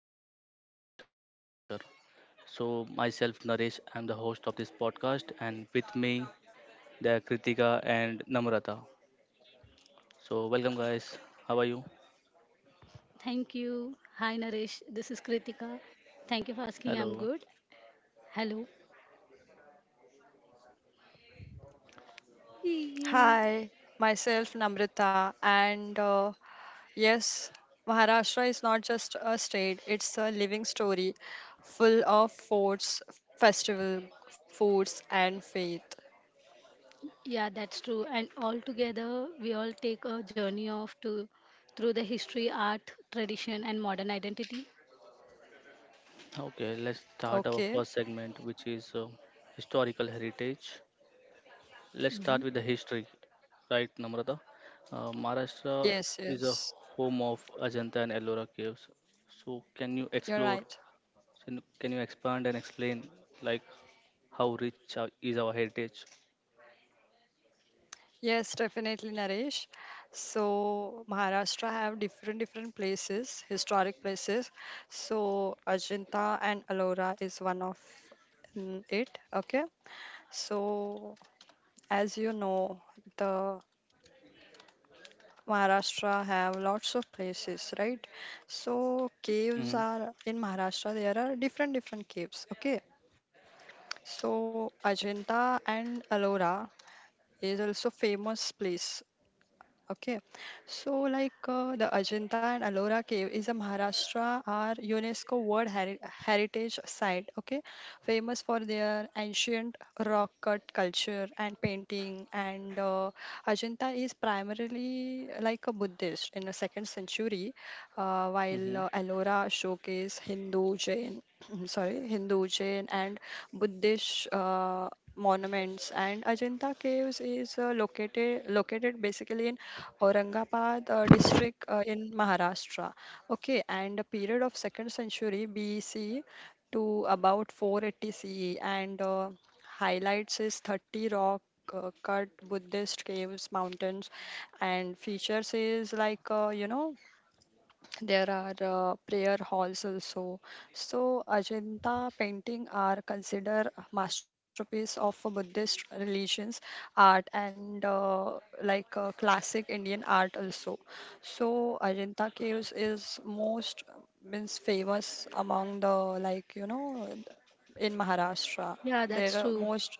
of Maharashtra and the culture. So myself Naresh, I'm the host of this podcast and with me there are Kritika and Namrata. So welcome guys. How are you? Thank you. Hi, Naresh. This is Kritika. Thank you for asking. I'm Hello. good. Hello. Hi, Yeah. myself Namrata, and yes, Maharashtra is not just a state, it's a living story full of forts, festival, foods, and faith. Yeah, that's true. And all together, we all take a journey of to through the history, art, tradition, and modern identity. Okay, let's start Okay, our first segment which is historical heritage. Let's start with Hmm. the history, right Namrata? Maharashtra yes, is a yes, home of Ajanta and Ellora caves. So can you you're explore? right. So can you expand and explain like how rich is our heritage? Yes, definitely, Naresh. So Maharashtra have different different places, historic places. So Ajanta and Alora is one of it. Okay, so as you know the Maharashtra have lots of places, right? So caves Mm-hmm. are in Maharashtra, there are different different caves. Okay, so Ajanta and Alora is also famous place. Okay, so like the Ajanta and Ellora Cave is a Maharashtra are UNESCO World Heritage Site. Okay, famous for their ancient rock cut culture and painting. And Ajanta is primarily like a Buddhist in the second century, while Mm-hmm. Ellora showcase Hindu, Jain, sorry, Hindu, Jain, and Buddhist. Monuments and Ajanta caves is located basically in Aurangabad district in Maharashtra. Okay, and a period of second century BC to about 480 CE, and highlights is 30 rock cut Buddhist caves, mountains, and features is like there are prayer halls also. So Ajanta painting are considered a masterpiece of a Buddhist religions art and classic Indian art also. So Ajanta caves is most means famous among the like in Maharashtra. Yeah, that's They are true. most,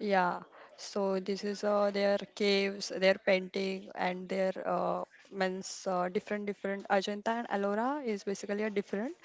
yeah, so this is their caves, their painting, and their means different different Ajanta and Ellora is basically a different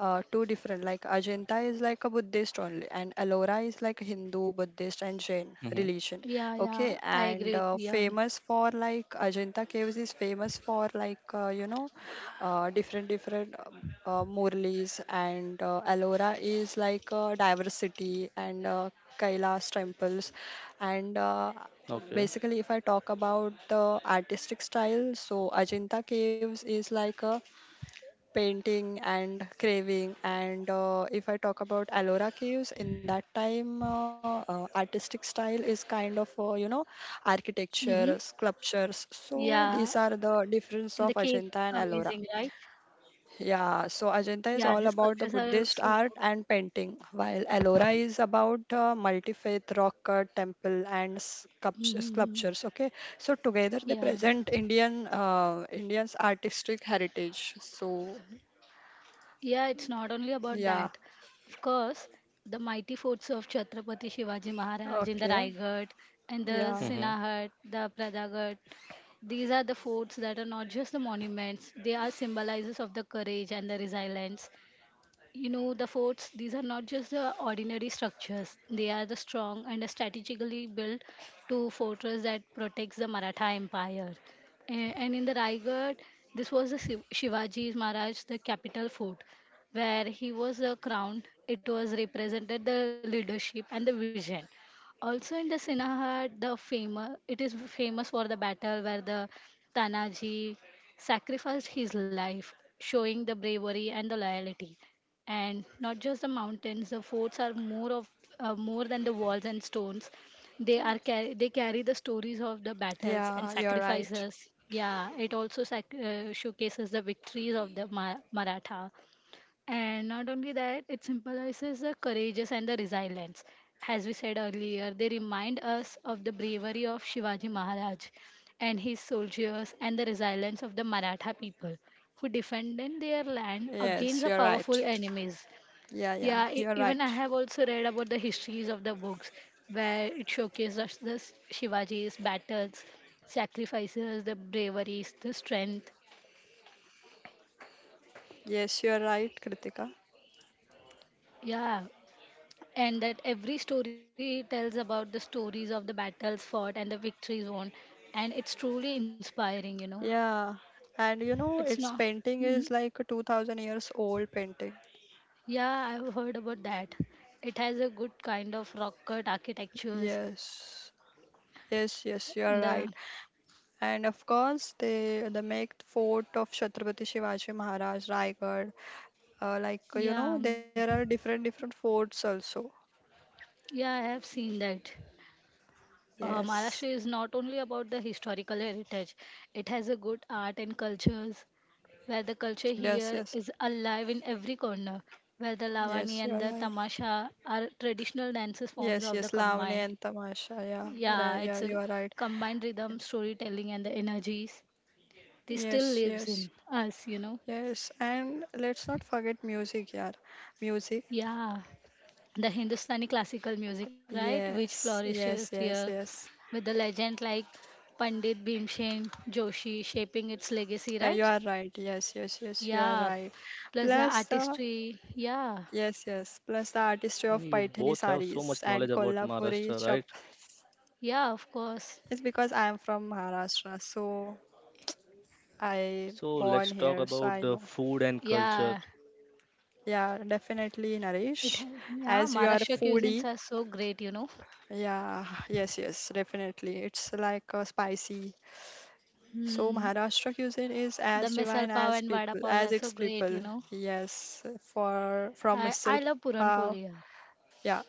two different, like Ajanta is like a Buddhist only and Ellora is like Hindu, Mm-hmm. Buddhist and Jain religion. Yeah, Okay, yeah, I and agree with you. Yeah. famous for like Ajanta caves is famous for like different different Murlis and Ellora is like diversity and Kailas temples and Okay. basically, if I talk about the artistic style, so Ajanta Caves is like a painting and craving. And if I talk about Ellora Caves, in that time, artistic style is kind of, Hmm. architecture, sculptures. So Yeah, these are the difference and the of caves Ajanta and are Ellora. amazing, right? Yeah, so Ajanta is Yeah, all the about the sculptures are Buddhist so art good. and painting, while Ellora is about multi-faith rock cut temple and Hmm. sculptures. Okay, so together they Yeah. present Indians artistic heritage. So Yeah, it's not only about yeah, that. Of course, the mighty forts of Chhatrapati Shivaji Maharaj in the okay, Raigad and the yeah, Mm-hmm. Sinahad, the Pradagat, these are the forts that are not just the monuments, they are symbolizes of the courage and the resilience. You know, the forts, these are not just the ordinary structures. They are the strong and strategically built to fortress that protects the Maratha Empire. And in the Raigad, this was the Shivaji Maharaj, the capital fort, where he was crowned. It was represented the leadership and the vision. Also in the Sinahad, the famous it is famous for the battle where the Tanaji sacrificed his life, showing the bravery and the loyalty, and not just the mountains, the forts are more of more than the walls and stones. They are car- the stories of the battles and yeah, you're right. sacrifices. Yeah, it also showcases the victories of the Maratha. And not only that, it symbolizes the courageous and the resilience. As we said earlier, they remind us of the bravery of Shivaji Maharaj and his soldiers and the resilience of the Maratha people who defended their land against Yes, the you're right. powerful enemies. Yeah, yeah, Yeah, you're even I right. have also read about the histories of the books where it showcases the Shivaji's battles, sacrifices, the bravery, the strength. Yes, you're right, Kritika. Yeah, and that every story tells about the stories of the battles fought and the victories won, and it's truly inspiring, you know. Yeah, and you know, It's its not. painting Mhm. is like a 2000 years old painting. Yeah, I've heard about that. It has a good kind of rock cut architectures Yes, yes, yes, you in are right. the. And of course, they the make fort of Chhatrapati Shivaji Maharaj, Raigad. Yeah, There are different different forts also. yeah, I have seen that. Uh, Maharashtra Yes, is not only about the historical heritage, it has a good art and cultures, where the culture yes, here yes, is alive in every corner, where the Lavani yes, you and are the right. Tamasha are traditional dances forms Yes, of the yes, Lavani combined. and Tamasha. Yeah, Yeah, right, yeah, it's a you are right. combined rhythm, storytelling, and the energies. This still Yes, lives yes, in us, you know. yes. And let's not forget music, yeah, music. Yeah, the Hindustani classical music, right, which Yes, yes, flourishes yes, here yes. with the legend like Pandit Bhimsen Joshi shaping its legacy, Yeah, you right? are right. Yes, yes, yes, you are Yeah, right. plus the Plus, artistry. Yeah, yes. Plus the artistry of You both Paithani have so much saris knowledge and about Maharashtra, Kolhapuri right? chap. yeah, of course. It's because I am from Maharashtra, so I So born let's talk here, so about I the know. food and culture. Yeah, Yeah, definitely, Naresh. Yeah, As you are a Maharashtra cuisines foodie, are so great, you know. yeah, yes, yes, definitely. It's like spicy. So Hmm. Maharashtra cuisine is The as misal divine pav as and vada people, pav as are so its great, you people. know. Yes, for from I misal I love puran pav. poli here. Yeah,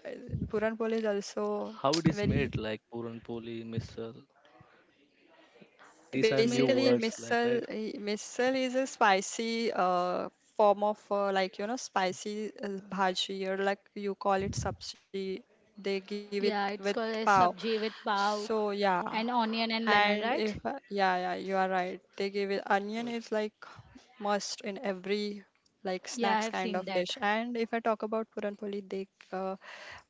Puran Pol is also How it is very. made, like puran poli, misal. These It's are made new with Basically, a. words, like missile right? eh, missile is a spicy form of like spicy bhaji or like you call it sabji. They give it Yeah, it's with called a pav. sabji with pav So yeah, and onion and lemon, and if right? Yeah, yeah, you are right. They give it Uh, onion is like must in every like Yeah, snacks I have kind of seen dish. that, And if I talk about puran poli, they uh,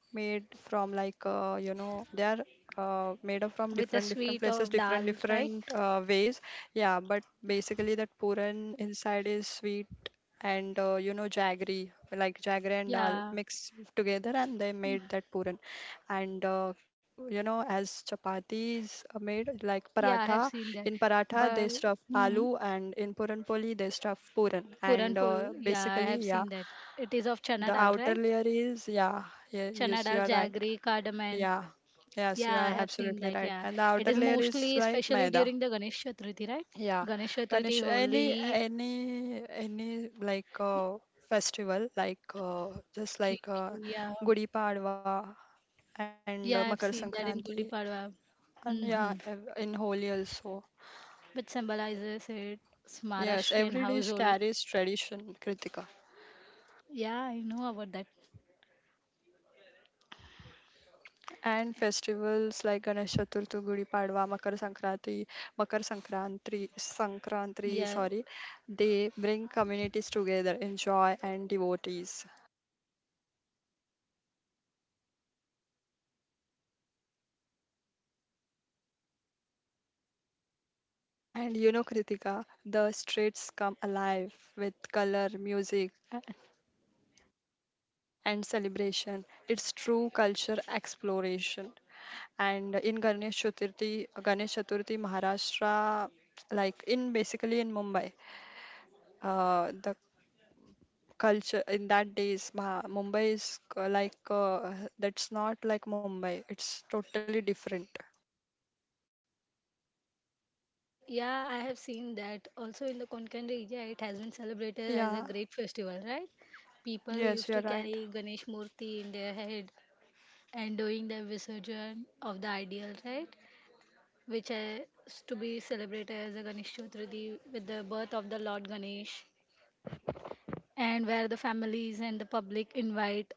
made from like they are made up from with a different different sweet places of different dal, right? different ways. Yeah, but basically that puran inside is sweet and jaggery like jaggery and dal Yeah, mixed together and they made that puran and you know as chapatis are made like yeah, I have paratha, seen that. in paratha But they stuff hmm, aloo and in puran poli they stuff puran puran and poli, uh, yeah, I basically have yeah seen that. It is of chana the dal, outer right? layer is yeah yeah Chana yes you dal, are right jaggery, cardamom. yeah. Yes, you Yeah, I are have seen absolutely that. right. Yeah, And the it outer is layer is mostly, like especially maida. during the Ganesh Chaturthi, right? Yeah. Ganesh Ganesh, Chaturthi, Holi. Any like festival like uh, just like uh, Yeah, Gudi Padwa and Makar yeah, I've seen that in Sankranti Gudi Padwa. and yeah, Mm-hmm. In Holi also. Which symbolizes it, it's Yes, Maharashtrian every dish household. carries tradition, Kritika. Yeah, I know about that. And festivals like Ganesh Chaturthi, Gudi Padwa, Makar Sankranti, Yeah, sorry, they bring communities together in joy and devotees. And you know, Kritika, the streets come alive with color, music, and celebration. It's true culture exploration. And in Ganesh Chaturthi, Maharashtra, like in basically in Mumbai, the culture in that days Mumbai is that's not like Mumbai, it's totally different, yeah, I have seen that. Also in the Konkan region, it has been celebrated as a yeah, great festival, right? People yes, used you're to right. carry Ganesh Murti in their head and doing the visurgence of the ideal, right? Which is to be celebrated as a Ganesh Chaturthi with the birth of the Lord Ganesh, and where the families and the public invite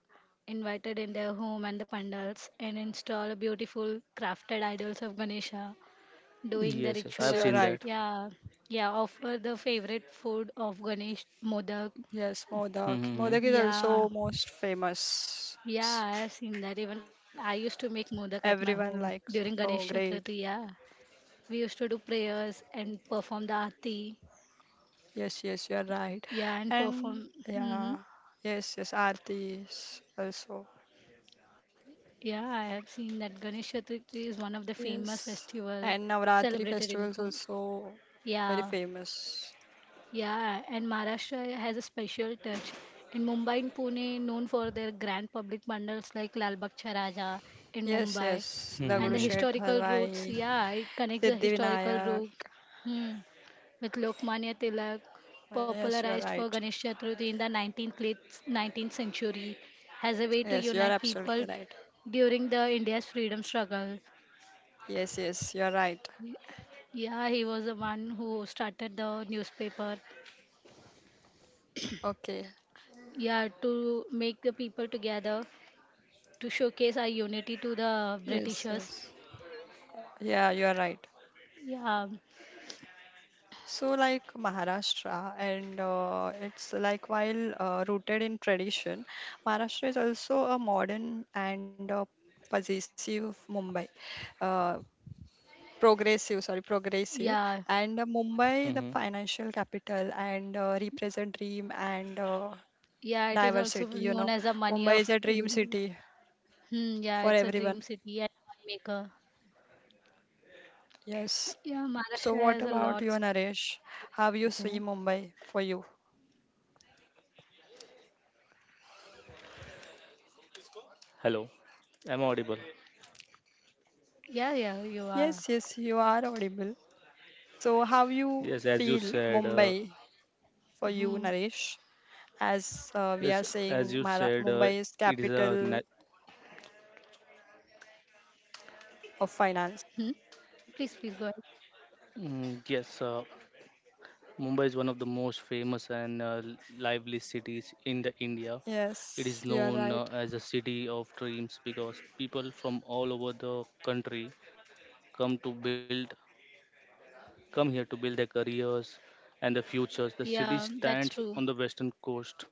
invited in their home and the pandals and install beautiful crafted idols of Ganesha, doing the Yes, yes, I Yes, have you're seen rituals. right. that. Yeah, yeah, offer the favorite food of Ganesh, modak. Yes, modak, Mm-hmm. modak is Yeah. also most famous. Yeah, I've seen that. Even I used to make modak at my Everyone home likes, during oh Ganesh great. Chaturthi. Yeah, we used to do prayers and perform the aarti. Yes, yes, you're right. Yeah, and And perform. yeah, Hmm. yes, yes, aartis also. Yeah, I have seen that Ganesh Chaturthi is one of the Yes, famous festival and navratri celebrated in. festivals also very Yeah. famous. Yeah, and Maharashtra has a special touch. In Mumbai and Pune, known for their grand public bundles like Lal Bagh Raja in Yes, Mumbai, yes, and Mm-hmm. Dagadu the Shet historical routes. Halwai, Yeah, it connects the historical Siddhivinayak. route, hmm, with Lokmanya Tilak, Yes, you are popularized for right. Ganesh Chaturthi in the 19th late 19th century, has a way to Yes, you are unite people absolutely right. during the India's freedom struggle. Yes, yes, you are right. Yeah, he was the one who started the newspaper, Okay. yeah, to make the people together, to showcase our unity to the Yes, britishers. yes. Yeah, you are right. Yeah. So, like Maharashtra, and it's like while rooted in tradition, Maharashtra is also a modern and possessive Mumbai. Uh, Progressive, sorry, progressive. Yeah, And Mumbai, the Mm-hmm. financial capital, and represent dream and yeah. It is also diversity, you known know. as the money Mumbai is of a dream India. city Hmm, yeah, for it's a dream everyone. city and money maker. Yes. Yeah, So Maharashtra what has a about lot. you, Naresh? How you You see know. Mumbai for you? Hello, I'm audible. Yeah, yeah, you are. Yes, yes, you are audible. So how you Yes, as you feel said, Mumbai for you, Hmm. Naresh? As we are yes, as saying, you said, Mumbai is it is a capital na- of Hmm. finance. Please please go ahead. mm, yes. Mumbai is one of the most famous and lively cities in the India. It is Yes, you are known right. as a city of dreams because people from all over the country come to build, come here to build their careers and their futures. The Yeah, city that's stands true. on the western coast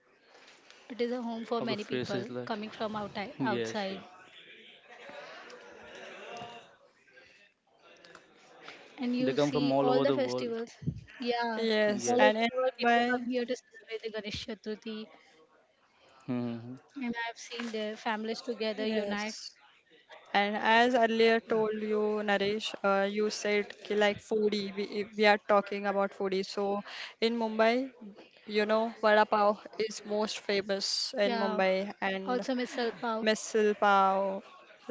It is a home for of many the people faces like coming from yes, outside, yeah. and They you come from see all all over the the world. festivals. Yeah, Yes, all and Yes. over in the world people come Mumbai, here to celebrate the Ganesh Chaturthi, Hmm. and I've seen their families together yes. unite. And as earlier told you, Naresh, you said ki like foodie, we, if we are talking about foodie. So in Mumbai, you know, vada pav is most famous in Yeah, Mumbai and also Misal Pav, misal pav,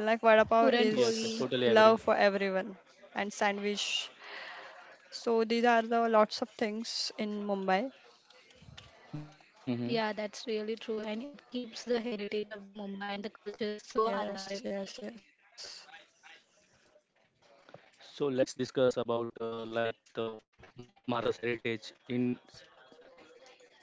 like vada pav Puran Yes, is yes, Poli. totally agree. love for everyone and sandwich. So these are the lots of things in Mumbai. Hmm. Yeah, that's really true, and it keeps the heritage of the Mumbai and the culture so Yes, alive yes, today yes, also. So let's discuss about like the Maharashtra's heritage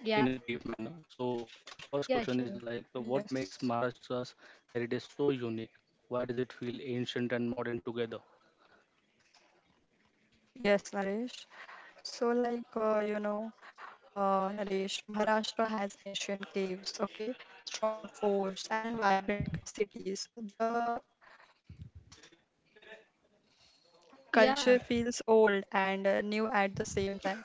in a Yeah, deep manner. So our first question yeah, is sure. like, what makes yes, Maharashtra's heritage so unique? Why does it feel ancient and modern together? yes, Naresh. So, like, Naresh, Maharashtra has ancient caves, okay, strong forts, Mm-hmm. and vibrant cities. The Yeah. culture feels old and new at the same time.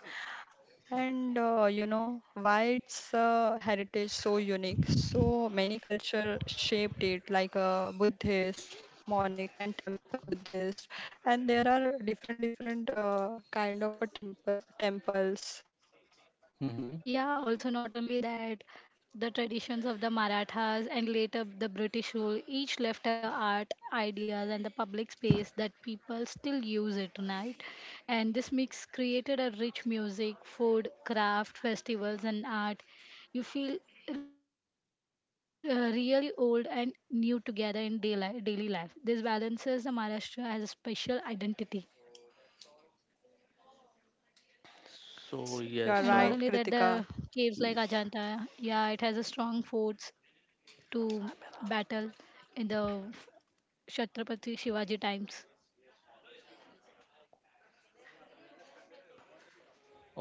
And you know why its heritage so unique? So many culture shaped it, like Buddhist, Monic, and temple Buddhist. And there are different different kind of a temple temples. Mm-hmm. Yeah, also not only that, the traditions of the Marathas and later the British rule each left a art, ideas, and the public space that people still use it tonight. And this mix created a rich music, food, craft, festivals, and art. You feel really old and new together in daily life. This balances the Maharashtra as a special identity. And not So only that, You are yes, the right, caves like Kritika. Ajanta, yeah, it has a strong forts to battle in the Chhatrapati Shivaji times.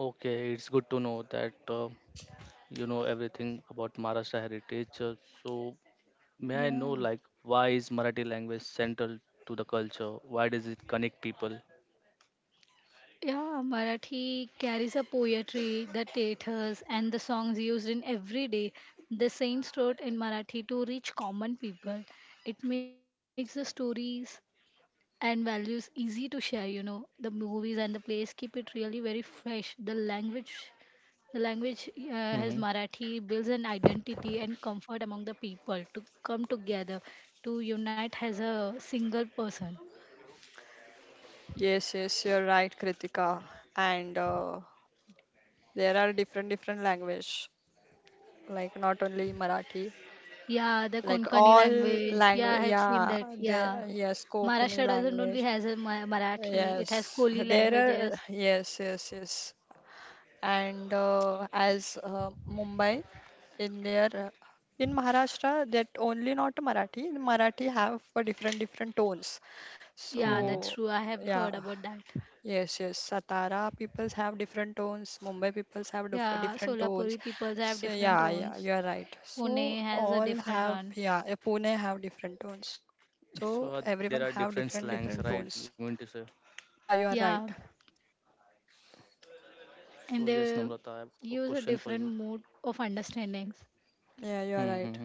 okay, it's good to know that you know everything about Maharashtra heritage. So may I Yeah. know like why is Marathi language central to the culture? Why does it connect people? Yeah, Marathi carries a poetry, the theatres, and the songs used in everyday, the same throat in Marathi to reach common people. It makes the stories and values easy to share, you know. The movies and the plays keep it really very fresh. The language Mm-hmm. as Marathi builds an identity and comfort among the people to come together, to unite as a single person. Yes, yes, you're right, Kritika. And there are different different language, like not only Marathi, Yeah, the like Konkani all language. Yeah, language. I have seen Yeah, that. Yeah. there. Yes, Kokani Maharashtra doesn't only language. has a Marathi, it has Yes, Koli there are. languages. Yes, yes, yes. And as Mumbai in their in Maharashtra, that only not Marathi. Marathi have a different different tones. Yeah, Mm-hmm. that's So true. I have yeah, heard about that. yes, yes. Satara peoples have different tones. Mumbai peoples have Yeah, different tones. Solapuri peoples have So different yeah, yeah, you tones. are right. So Pune has a all different have one. yeah. Pune have different tones. So everyone So have there different are different different tones. slangs, right? You mean to say? Yeah, you are Yeah, right. So and yes, they Namrata, I have a use a question for you. different mode of understandings. Yeah, you are right. Hmm.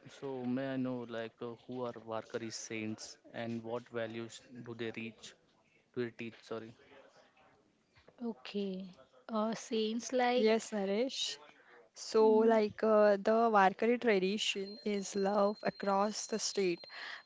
So may I know, like, who are Warkari saints and what values do they reach? Do they teach? Sorry. Okay. Saints like, Yes, Naresh. So, mm, like the Warkari tradition is love across the state.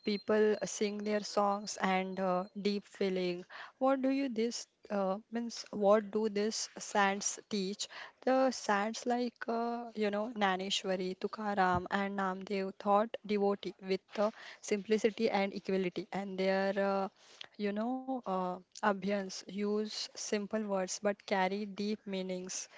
People sing their songs and deep feeling. What do you this means? What do this sands teach? The sands like Naneshwari, Tukaram, and Namdev thought devotee with the simplicity and equality, and their you know uh, abhyans use simple words but carry deep meanings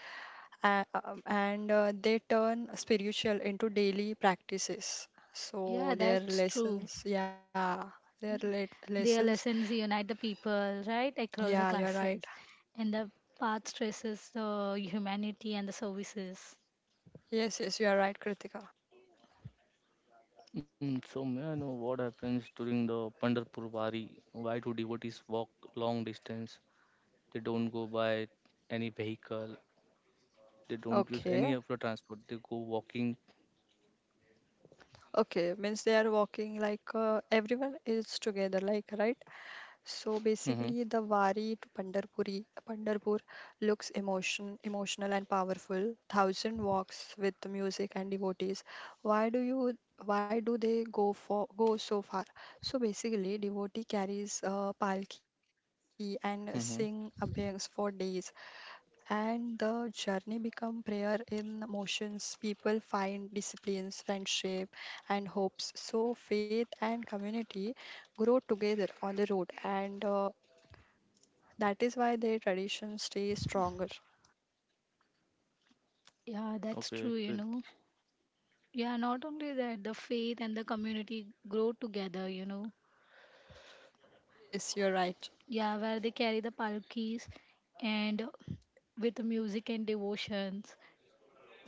and they turn spiritual into daily practices. So yeah, their that's true. lessons, yeah, their Their lessons. lessons unite the people right across Yeah, the you're right. classes, and the path stresses the humanity and the services. Yes, yes, you're right, Kritika. Mm, so may I know what happens during the Pandharpur Wari? Why do devotees walk long distance? They don't go by any vehicle. They don't use Okay, any of the transport. They go walking. okay, means they are walking like everyone is together, like right. So basically, Hmm. the Wari to Pandarpur looks emotion, emotional and powerful. Thousand walks with music and devotees. Why do you? Why do they go for go so far? So basically, devotee carries palki and sing abhyangs Hmm. for days, and the journey become prayer in motions. People find disciplines, friendship, and hopes. So faith and community grow together on the road and that is why their traditions stay stronger. Yeah, that's true, Okay. you know. Yeah, not only that, the faith and the community grow together, you know. Yes, you're right. Yeah, where they carry the palkis, and with the music and devotions,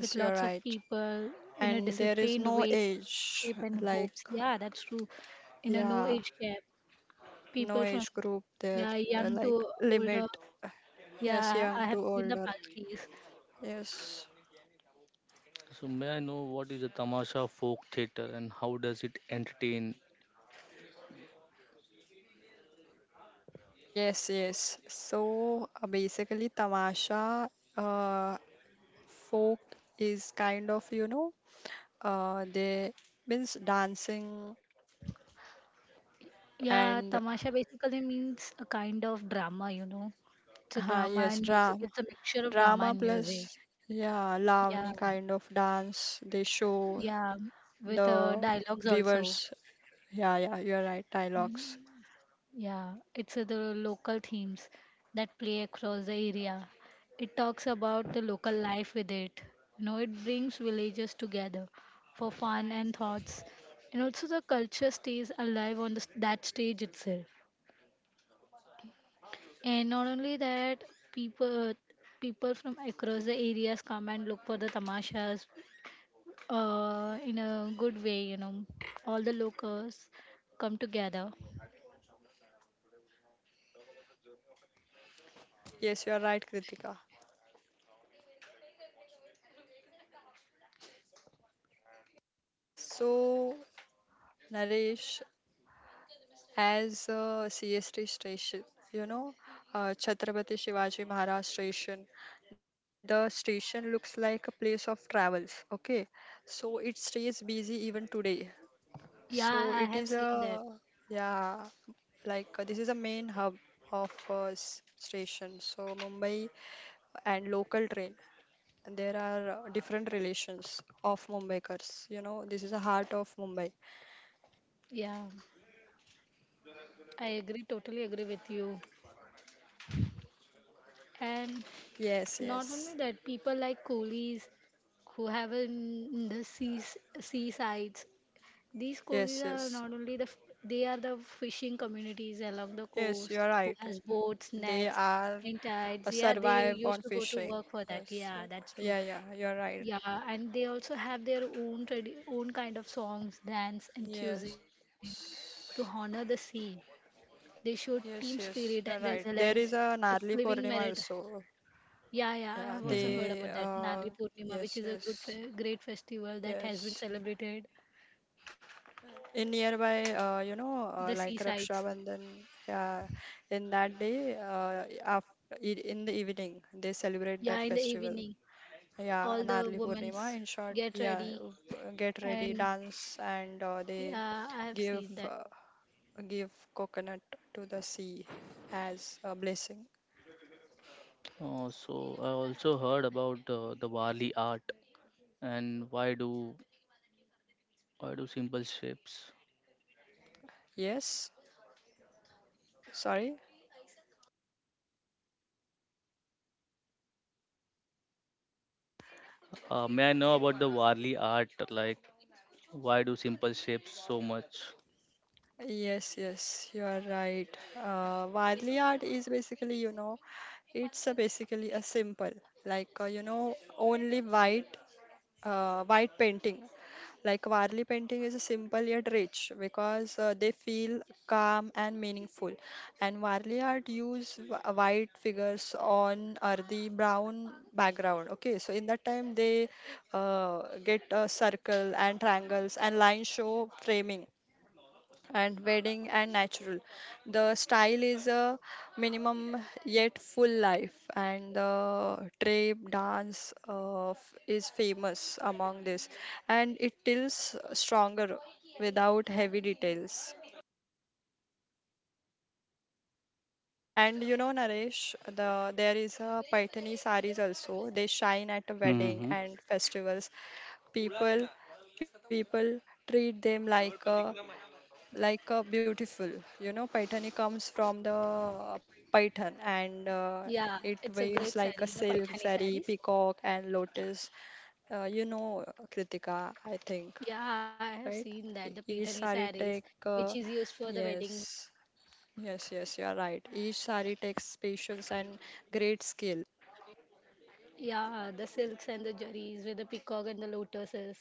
with you're lots of right. people in a And there is disciplined no way, age, shape and like, hopes. Yeah, that's true. In a no yeah, age gap, no people from, age group there, yeah, young to like, older. limit. Uh, Yes, Yeah, young I to have seen the older. palkis. Yes. So may I know what is a tamasha folk theater and how does it entertain? Yes, yes. So basically, Tamasha uh, folk is kind of, you know, they means dancing and, Yeah, tamasha basically means a kind of drama, you know. It's a yes, drama and dra. music. It's a mixture of Drama drama and plus, music. yeah, Lavani Yeah, kind of dance. They show yeah, with the dialogues also. viewers. Yeah, yeah, you're right. Dialogues. Mm-hmm. Yeah, it's the local themes that play across the area. It talks about the local life with it. You know, it brings villagers together for fun and thoughts. And also the culture stays alive on the, that stage itself. And not only that, people people from across the areas come and look for the tamashas in a good way, you know. All the locals come together. Yes, you're right, Kritika. So, Naresh, as a CST station, you know, Chhatrapati Shivaji Maharaj station, the station looks like a place of travels. Okay, so it stays busy even today. So Yeah, it I is a have seen that. yeah, like this is a main hub of station. So Mumbai and local train. And there are different relations of Mumbaikars. You know, this is a heart of Mumbai. Yeah. I agree, totally agree with you. And Yes, not only yes, that, people like coolies who have in the seas, seasides. These coolies yes, are yes, not only the they are the fishing communities along the yes. coast You are who right. has boats, They nets, are and tides. Yeah, they survive used on to go to fishing. work for that. Yes. Yeah, that's true. Yeah, yeah. You are right. Yeah, and they also have their own own kind of songs, dance, and cuisines to Yes. honor the sea. They showed team Yes, yes, spirit and you're right. There resilience. is a It's Narli living merit. Purnima also. Yeah, yeah, I have Yeah, Hmm. also heard about they that. Narli Purnima, which yes, is a good, yes, great festival that has been yes. celebrated. In nearby The like Raksha seasides. Bandhan, yeah, in that day in the evening they celebrate Yeah, that in the festival. evening, Yeah, all the Narli women Purnima in short, get yeah, ready, get ready, and dance and they yeah, I have give seen that. Give coconut to the sea as a blessing. So I also heard about the Wali art and why do simple shapes? Yes, sorry. May I know about the Wali art? Like why do simple shapes so much? Yes, yes, you are right. Wadli art is basically, you know, it's a basically a simple, like only white, white painting. Like Warli painting is simple yet rich because they feel calm and meaningful. And Warli art use white figures on earthy brown background. Okay, so in that time they get a circle and triangles and line show framing and wedding and natural. The style is a minimum yet full life, and the drape dance is famous among this, and it tilts stronger without heavy details. And you know, Naresh, there is a Paithani saris also. They shine at a wedding Hmm. and festivals. People people treat them like a beautiful, you know, paithani comes from the python and Yeah, it it's a waves great saree, like a you know, silk Paithani zari sarees. peacock and lotus, uh, you know kritika, I think, Yeah, I have right. seen that, the Each Paithani sari sarees, take which is used for the yes, weddings. yes, yes, you are right. Each sari takes patience and great skill. Yeah, the silks and the jerrys with the peacock and the lotuses,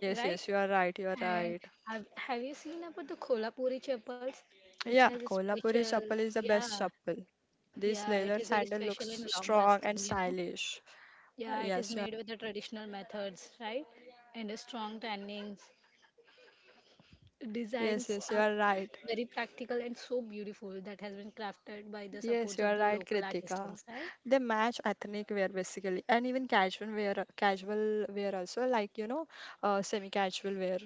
Yes, right? yes, you are right, you are And right. have you seen about the Kolhapuri chapels, which Yeah, has a kolhapuri special, chappal is the best yeah, chappal. This yeah, it leather is very sandal special looks and long strong lasting, and you know? stylish. Yeah, it is Yes, you. made with the traditional methods, right? And the strong tannings, Yes, designs yes, you are are right. very practical and so beautiful that has been crafted by the Yes, supports you of are the right, local Kritika. artisans, right? They match ethnic wear basically, and even casual wear also, like you know, semi-casual wear,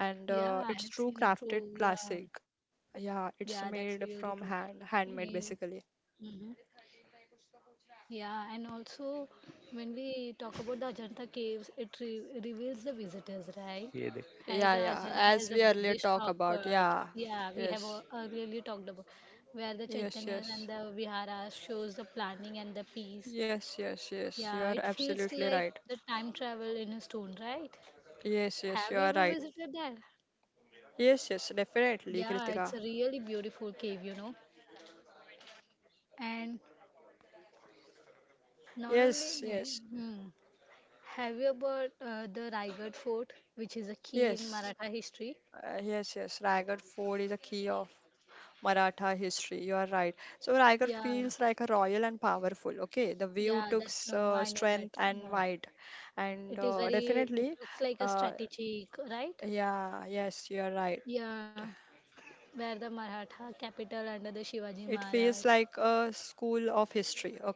and Yeah, I it's have true seen a crafted true, yeah. classic. Yeah, it's Yeah, that's made really from true. hand, handmade Mm-hmm. basically. Yeah, and also when we talk about the Ajanta caves, it re reveals the visitors, ये right? देख. Has Yeah, the yeah. Ajanta As has a we earlier Buddhist talk rock about, cut. yeah, Yeah, we have yes, earlier talked about where the yes, Chaitanyas and yes, the Viharas shows the planning and the peace. yes, yes, yes. You Yeah, are it feels absolutely like right. the time travel in a stone, right? Yes, yes, Have you you are ever right. visited there? Yes, yes, definitely, Yeah, it's Kritika. a really beautiful cave, you know. And not only Yes, that, yes, hmm. Have you about the Raigad Fort, which is a key in yes. Maratha history? Yes, yes, Raigad Fort is a key of Maratha history. You are right. So Raigad Yeah, feels like a royal and powerful. Okay, the view yeah, took that's no, I know that. strength and Yeah, wide, and it is very. It definitely, looks like a uh, strategic, right? yeah, yes, you are right. Yeah, where the Maratha capital under the It Shivaji feels Maharaj. like a school of history. Okay,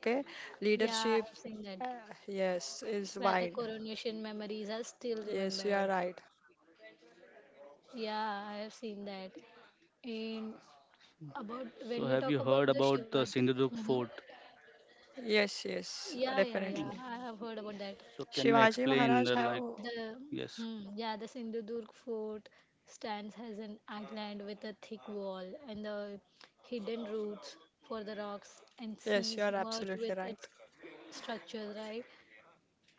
Yeah, leadership, I have seen that. uh, yes, is Where the wide. coronation memories are still Yes, you are remembered. right. Yeah, I have seen that. And about when So we have talk you about heard the about Shivaji. the Sindhudurg Hmm. fort? Yes, yes, Yeah, yeah, yeah. definitely. I have heard about that. So can you Shivaji explain Maharaj the like have. The yes, hmm, yeah, the Sindhudurg fort stands as an island with a thick wall, and the hidden roots for the rocks and Yes, you seas are merge absolutely with its right. structure, right?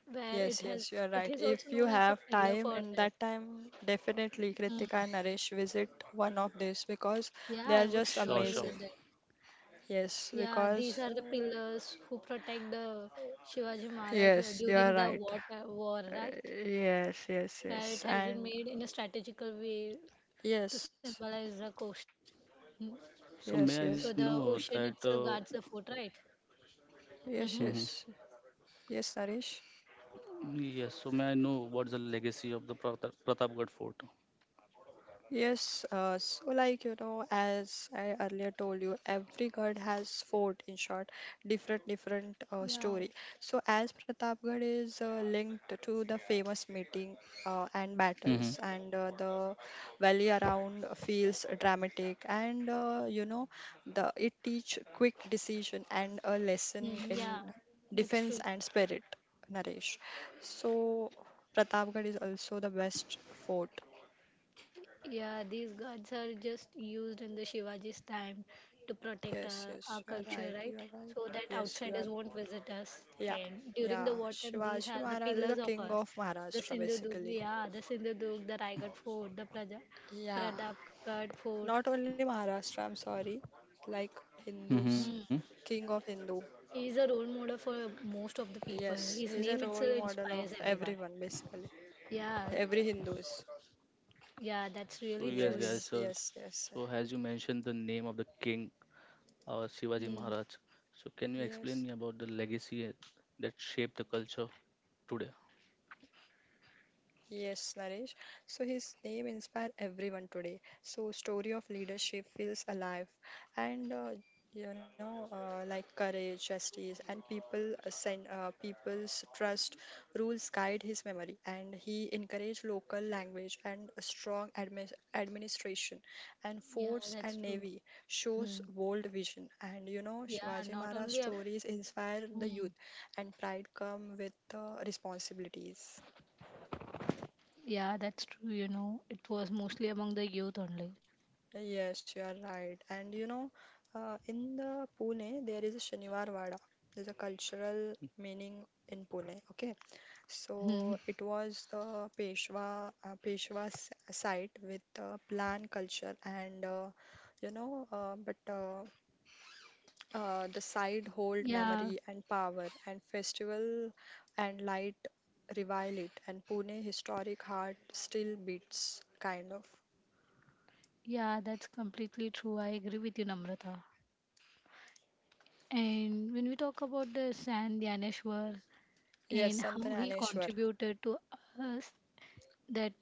Where it Yes, has, yes, you are it right. is also If you known as a have pillar time for and that. that time, definitely Hmm. Kritika and Naresh visit one of these because Yeah, they I are would just sure, surely sure. visit amazing. that. Yes, Yeah, these because are the pillars who protect the Shivaji Maharaj yes, you are during the right. water war, Uh, right? yes, yes, Where it yes, has been and made in a strategical way to yes, symbolize the coastal. Hmm. yes, So yes, So may I the know ocean that itself guards the fort, right? yes, Mm-hmm. hmm. yes, yes, Naresh. Yes, so may I know what's the legacy of the Pratapgarh fort? Yes, so like you know, as I earlier told you, every god has fort in short, different different Yeah. story. So as Pratapgarh is linked to the famous meeting and Mm-hmm. battles, and the valley around feels dramatic, and you know, the it teach quick decision and a lesson Mm, yeah, in that's defense true. and spirit, Naresh. So Pratapgarh is also the best fort. Yeah, these gods are just used in the Shivaji's time to protect Yes, our yes, you are culture, right. right? You are right. So that Yes, you are. outsiders won't visit us. Yeah, And during yeah. the war time, these Shivaji are the Maharaj is the pillars of king us. of The Maharashtra, Sindhudurg, basically. yeah, the Sindhudurg, the Raigad Fort, the Praja, Yeah, Pratapgarh Fort. not only Maharashtra, I'm sorry, like Hindus, Mm-hmm. Hmm. king of Hindu. He is a role model for most of the people. Yes, His he's a name role itself model of inspires everyone. everyone, basically. Yeah. Every Hindus. Yeah, So that's yes, really true. guys. Yes, Yeah. So yes, yes, so as you mentioned the name of the king, Shivaji Hmm. Maharaj. So can you explain yes. me about the legacy that shaped the culture today? Yes, Naresh. So his name inspire everyone today. So story of leadership feels alive, and you know, like courage, justice, and people send people's trust rules guide his memory, and he encouraged local language and a strong administration, and Yeah, force that's and true. navy shows Hmm. bold vision, and you know, Yeah, Shivaji not Maharaj only. Stories inspire the Hmm. youth, and pride come with responsibilities. Yeah, that's true. You know, it was mostly among the youth only. Yes, you are right. And you know, in the Pune, there is a Shaniwar Wada. There's a cultural meaning in Pune. Okay, so Hmm. it was the Peshwa's site with plan culture and you know, but the site hold Yeah, memory and power and festival and light revile it. And Pune historic heart still beats, kind of. yeah, that's completely true. I agree with you, Namrata. And when we talk about the San Yaneshwar Yes, and how he Santananeshwar. contributed to us, that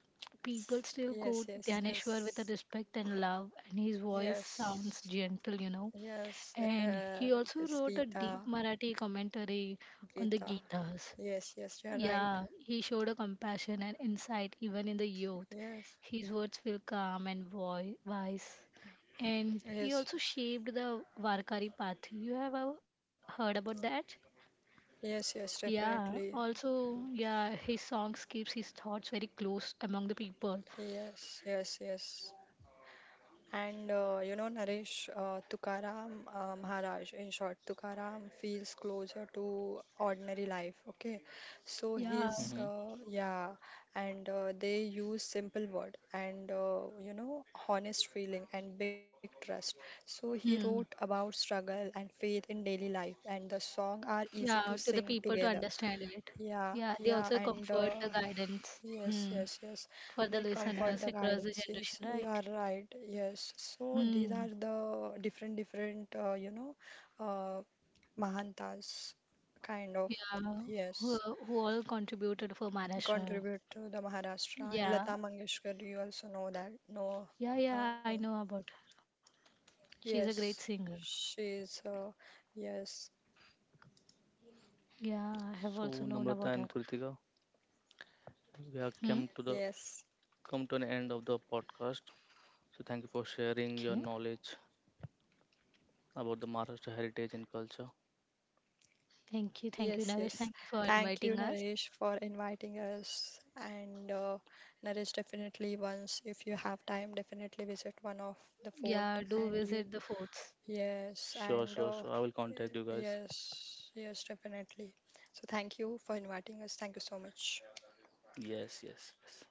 people still Yes, quote yes, Yaneshwar with a yes, respect and love, and his voice sounds yes, gentle, you know. yes. And he also It's wrote a Gita, deep Marathi commentary on the Gita. Gitas. Yes, yes, you're right. Yeah, he showed a compassion and insight even in the youth. Yes, His words feel calm and wise. And he yes, also shaped the Varkari path. You have heard about that? yes, yes, definitely. Yeah, also, yeah, his songs keeps his thoughts very close among the people. Yes, yes, yes. And you know, Naresh, Tukaram Maharaj, in short, Tukaram feels closer to ordinary life, okay? So Yeah, Mm-hmm. Yeah, and they use simple word and, you know, honest feeling and big trust. So he wrote hmm. about struggle and faith in daily life, and the song are easy to Yeah, to the sing people to together. understand it. Yeah, Yeah, they yeah, also and comfort the guidance. yes, Hmm. yes, yes. For They the comfort the listeners across the guidance. Yes, generation, you are right? right. Yes. So these are Hmm. the different, different, uh, Mahantas kind of, Yeah, who, yes, who all contributed for Maharashtra. contribute to the Maharashtra. And Yeah, Lata Mangeshkar, you also know that. No, yeah, yeah, I um, know about her. She's a yes, great singer. she's, uh, yes, Yeah, I have So also known Namrata about and her. Kritika, we have Hmm. Yes. come to an end of the podcast. So thank you for sharing your Okay. knowledge about the Maharashtra heritage and culture. Yes, Thank you, yes. Naresh. Thank you for Thank you, inviting us. Naresh, for inviting us. And Naresh, definitely once, if you have time, definitely visit one of the fort. Yeah, And do you, visit the forts. yes, Sure, and sure, sure. I will contact you guys. yes, yes, definitely. So thank you for inviting us. Thank you so much. Yes, yes, yes.